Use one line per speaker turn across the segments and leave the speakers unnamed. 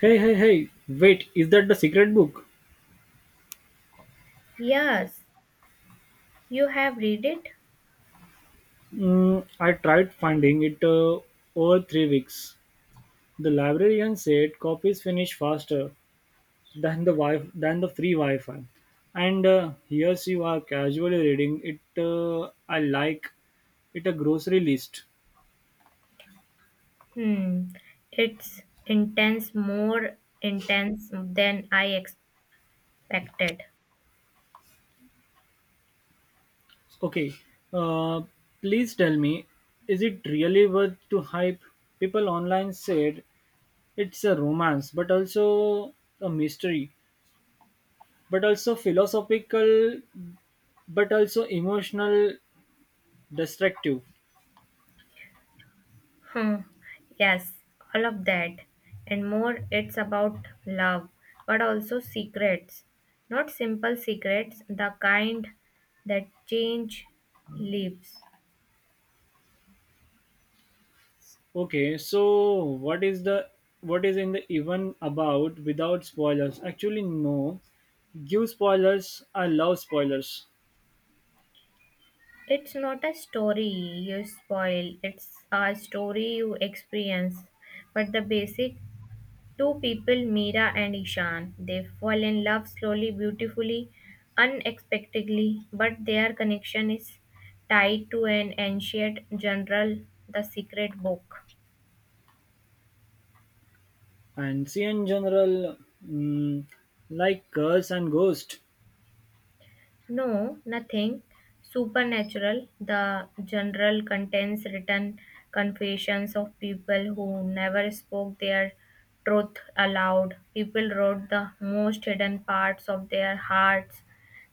Hey, hey, hey, wait, is that the secret book?
Yes, you have read it.
Mm, I tried finding it over 3 weeks. The librarian said copies finish faster than the than the free Wi-Fi. And here you are casually reading it. I like it a grocery list.
Hmm, it's intense, more intense than I expected.
Okay, uh, please tell me, is it really worth to hype? People online said it's a romance, but also a mystery, but also philosophical, but also emotional, destructive.
Hmm, yes, all of that and more. It's about love, but also secrets. Not simple secrets, the kind that change lives.
Okay, so what is in the even about without spoilers? Actually, no. Give spoilers. I love spoilers.
It's not a story you spoil, it's a story you experience. But the basic two people, Meera and Ishan, they fall in love slowly, beautifully, unexpectedly, but their connection is tied to an ancient journal, the secret book.
And see in general, mm, like Curse and Ghost.
No, nothing. Supernatural, the general contains written confessions of people who never spoke their truth aloud. People wrote the most hidden parts of their hearts,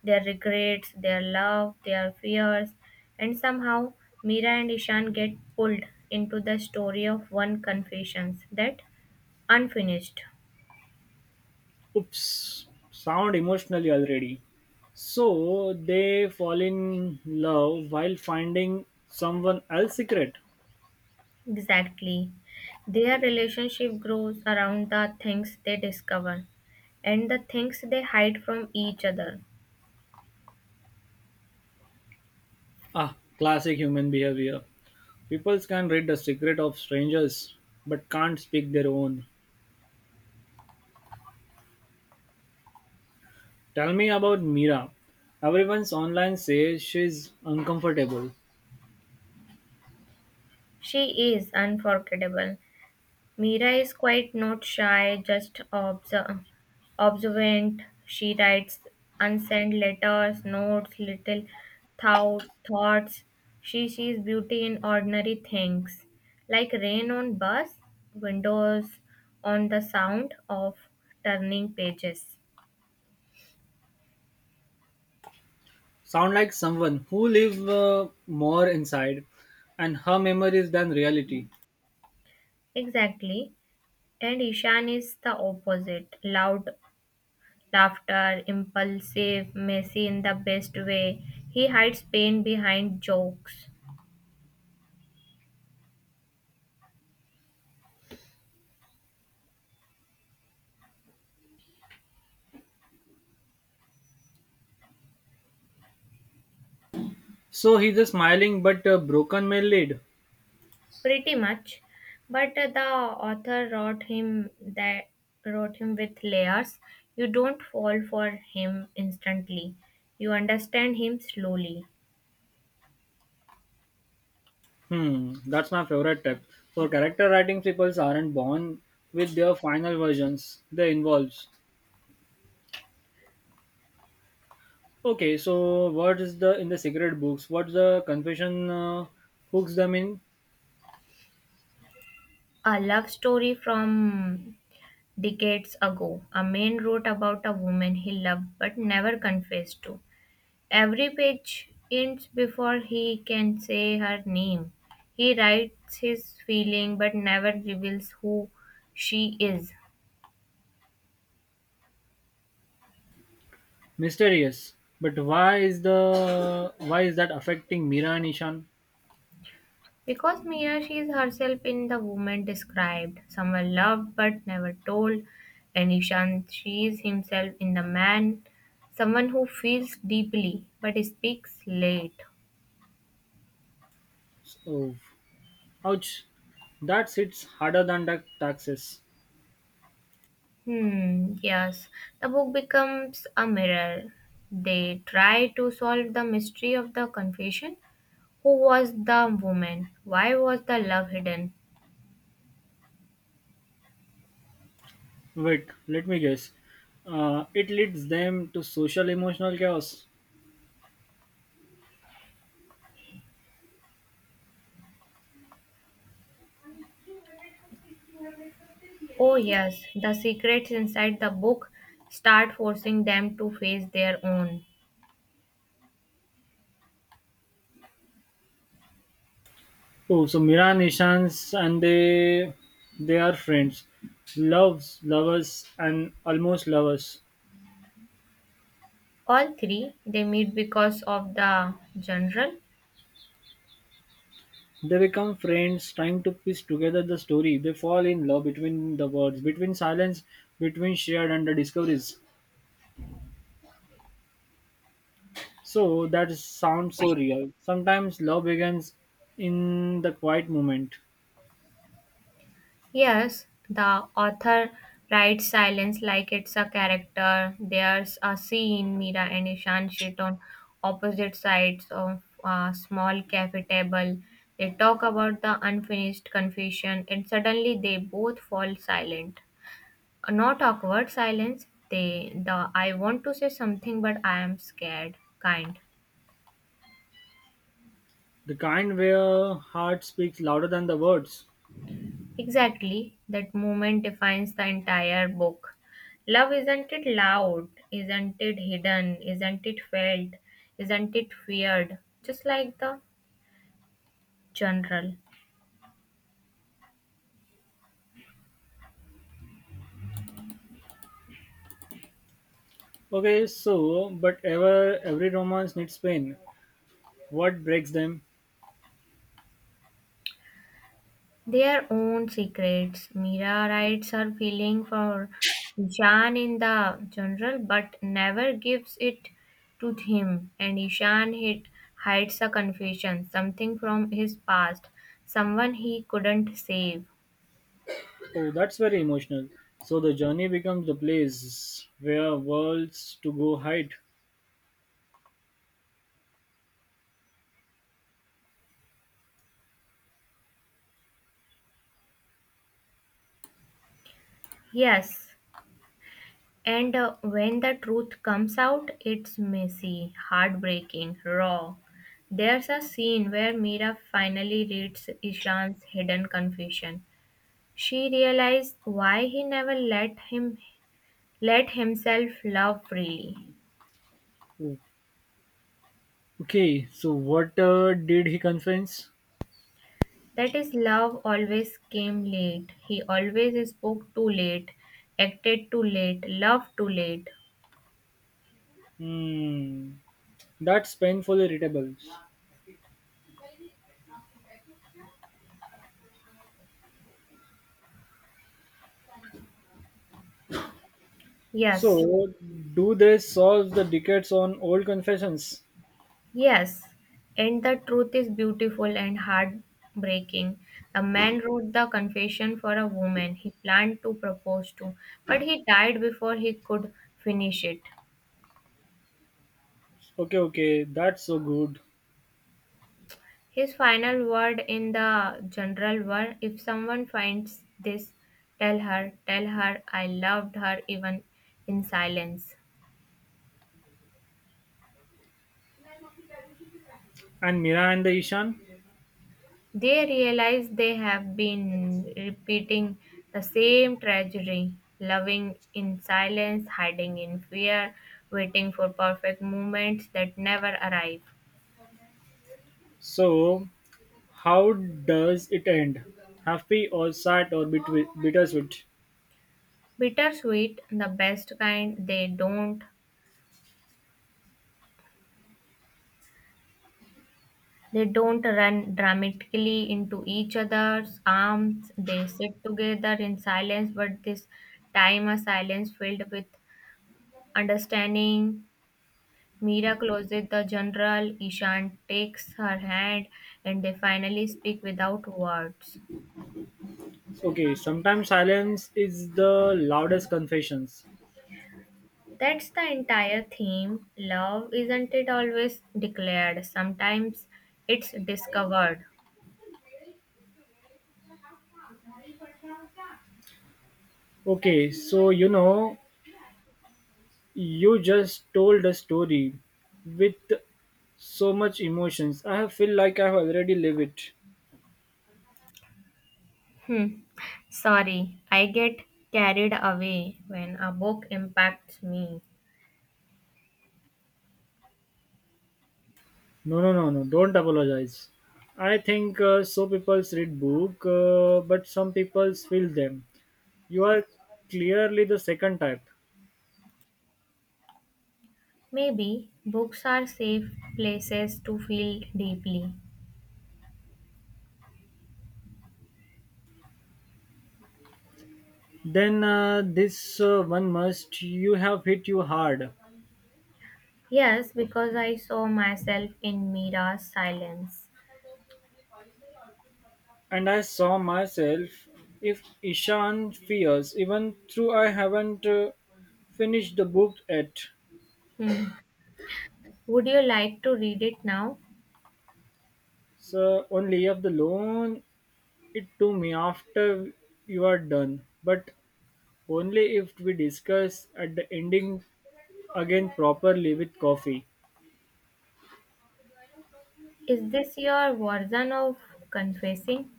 their regrets, their love, their fears, and somehow Mira and Ishan get pulled into the story of one confessions that unfinished.
Oops, sound emotionally already. So they fall in love while finding someone else's secret.
Exactly. Their relationship grows around the things they discover and the things they hide from each other.
Ah, classic human behavior. People can read the secret of strangers, but can't speak their own. Tell me about Mira. Everyone's online says she's uncomfortable.
She is unforgettable. Mira is quite not shy, just observant. She writes unsent letters, notes, little thoughts. She sees beauty in ordinary things, like rain on bus windows, on the sound of turning pages.
Sound like someone who live more inside, and her memories than reality.
Exactly. And Ishan is the opposite. Loud laughter, impulsive, messy in the best way. He hides pain behind jokes.
So he's a smiling but broken male lead.
Pretty much. But the author wrote him with layers. You don't fall for him instantly. You understand him slowly.
Hmm, that's my favorite type. For character writing, people aren't born with their final versions. They involves. Okay, so what is the in the secret books? What's the confession hooks them in?
A love story from decades ago. A man wrote about a woman he loved but never confessed to. Every page ends before he can say her name. He writes his feeling but never reveals who she is.
Mysterious. But why is that affecting Mira and Ishan?
Because Mira sees herself in the woman described, someone loved but never told, and Ishan sees himself in the man, someone who feels deeply but speaks late.
Oh, ouch! That hits harder than the taxes.
Hmm, yes. The book becomes a mirror. They try to solve the mystery of the confession. Who was the woman? Why was the love hidden?
Wait, let me guess. It leads them to social emotional chaos.
Oh, yes, the secrets inside the book start forcing them to face their own.
Oh, so Mira and Ishan's and they are friends, loves, lovers, and almost lovers.
All three, they meet because of the general.
They become friends, trying to piece together the story. They fall in love between the words, between silence, between shared and the discoveries. So that sounds so real. Sometimes love begins in the quiet moment,
Yes, the author writes silence like it's a character. There's a scene Mira and Ishan sit on opposite sides of a small cafe table. They talk about the unfinished confession, and suddenly they both fall silent. A not awkward silence, they the I want to say something but I am scared kind.
the kind where heart speaks louder than the words.
Exactly. That moment defines the entire book. Love isn't it loud, isn't it hidden, isn't it felt, isn't it feared? Just like the general.
Okay, so but every romance needs pain. What breaks them?
Their own secrets. Mira writes her feeling for Ishan in the general, but never gives it to him, and hides a confession, something from his past, someone he couldn't save.
Oh, that's very emotional. So the journey becomes the place where worlds to go hide.
Yes, and when the truth comes out, it's messy, heartbreaking, raw. There's a scene where Mira finally reads Ishan's hidden confession. She realized why he never let him let himself love freely.
Oh, okay, so what did he confess?
That is love always came late. He always spoke too late, acted too late, loved too late.
Hmm, that's painfully readable.
Yes,
So, do they solve the decades on old confessions?
yes. And the truth is beautiful and heartbreaking. The man wrote the confession for a woman he planned to propose to, but he died before he could finish it.
Okay, okay, that's so good.
His final word in the general were if someone finds this, tell her I loved her even in silence.
And Mira and the Ishan?
They realize they have been repeating the same tragedy, loving in silence, hiding in fear, waiting for perfect moments that never arrive.
So, how does it end? Happy or sad or bittersweet?
Bittersweet, the best kind, they don't run dramatically into each other's arms. They sit together in silence, but this time a silence filled with understanding. Mira closes the general, Ishan takes her hand, and they finally speak without words.
Okay, sometimes silence is the loudest confessions.
That's the entire theme. Love isn't it always declared, sometimes it's discovered.
Okay, so you know, you just told a story with so much emotions. I have feel like I have already lived it.
Hmm. Sorry, I get carried away when a book impacts me.
No, no, no, no. Don't apologize. I think People read book, but some people feel them. You are clearly the second type.
Maybe books are safe places to feel deeply.
Then this one must. You have hit you hard,
Yes, because I saw myself in Mira's silence.
and I saw myself. If Ishan fears, even through I haven't finished the book yet.
Hmm. Would you like to read it now?
So only of the loan it to me after you are done. But only if we discuss at the ending again properly with coffee.
Is this your version of confessing?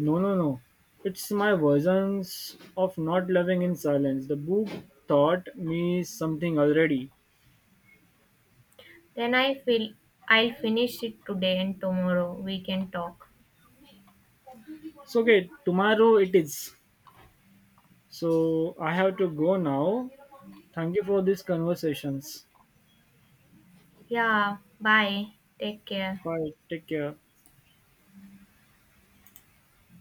No, no, no. It's my versions of not loving in silence. The book taught me something already.
Then I feel I'll finish it today and tomorrow we can talk.
So, okay, tomorrow it is. So, I have to go now. Thank you for these conversations.
Yeah, bye. Take care.
Bye. Take care.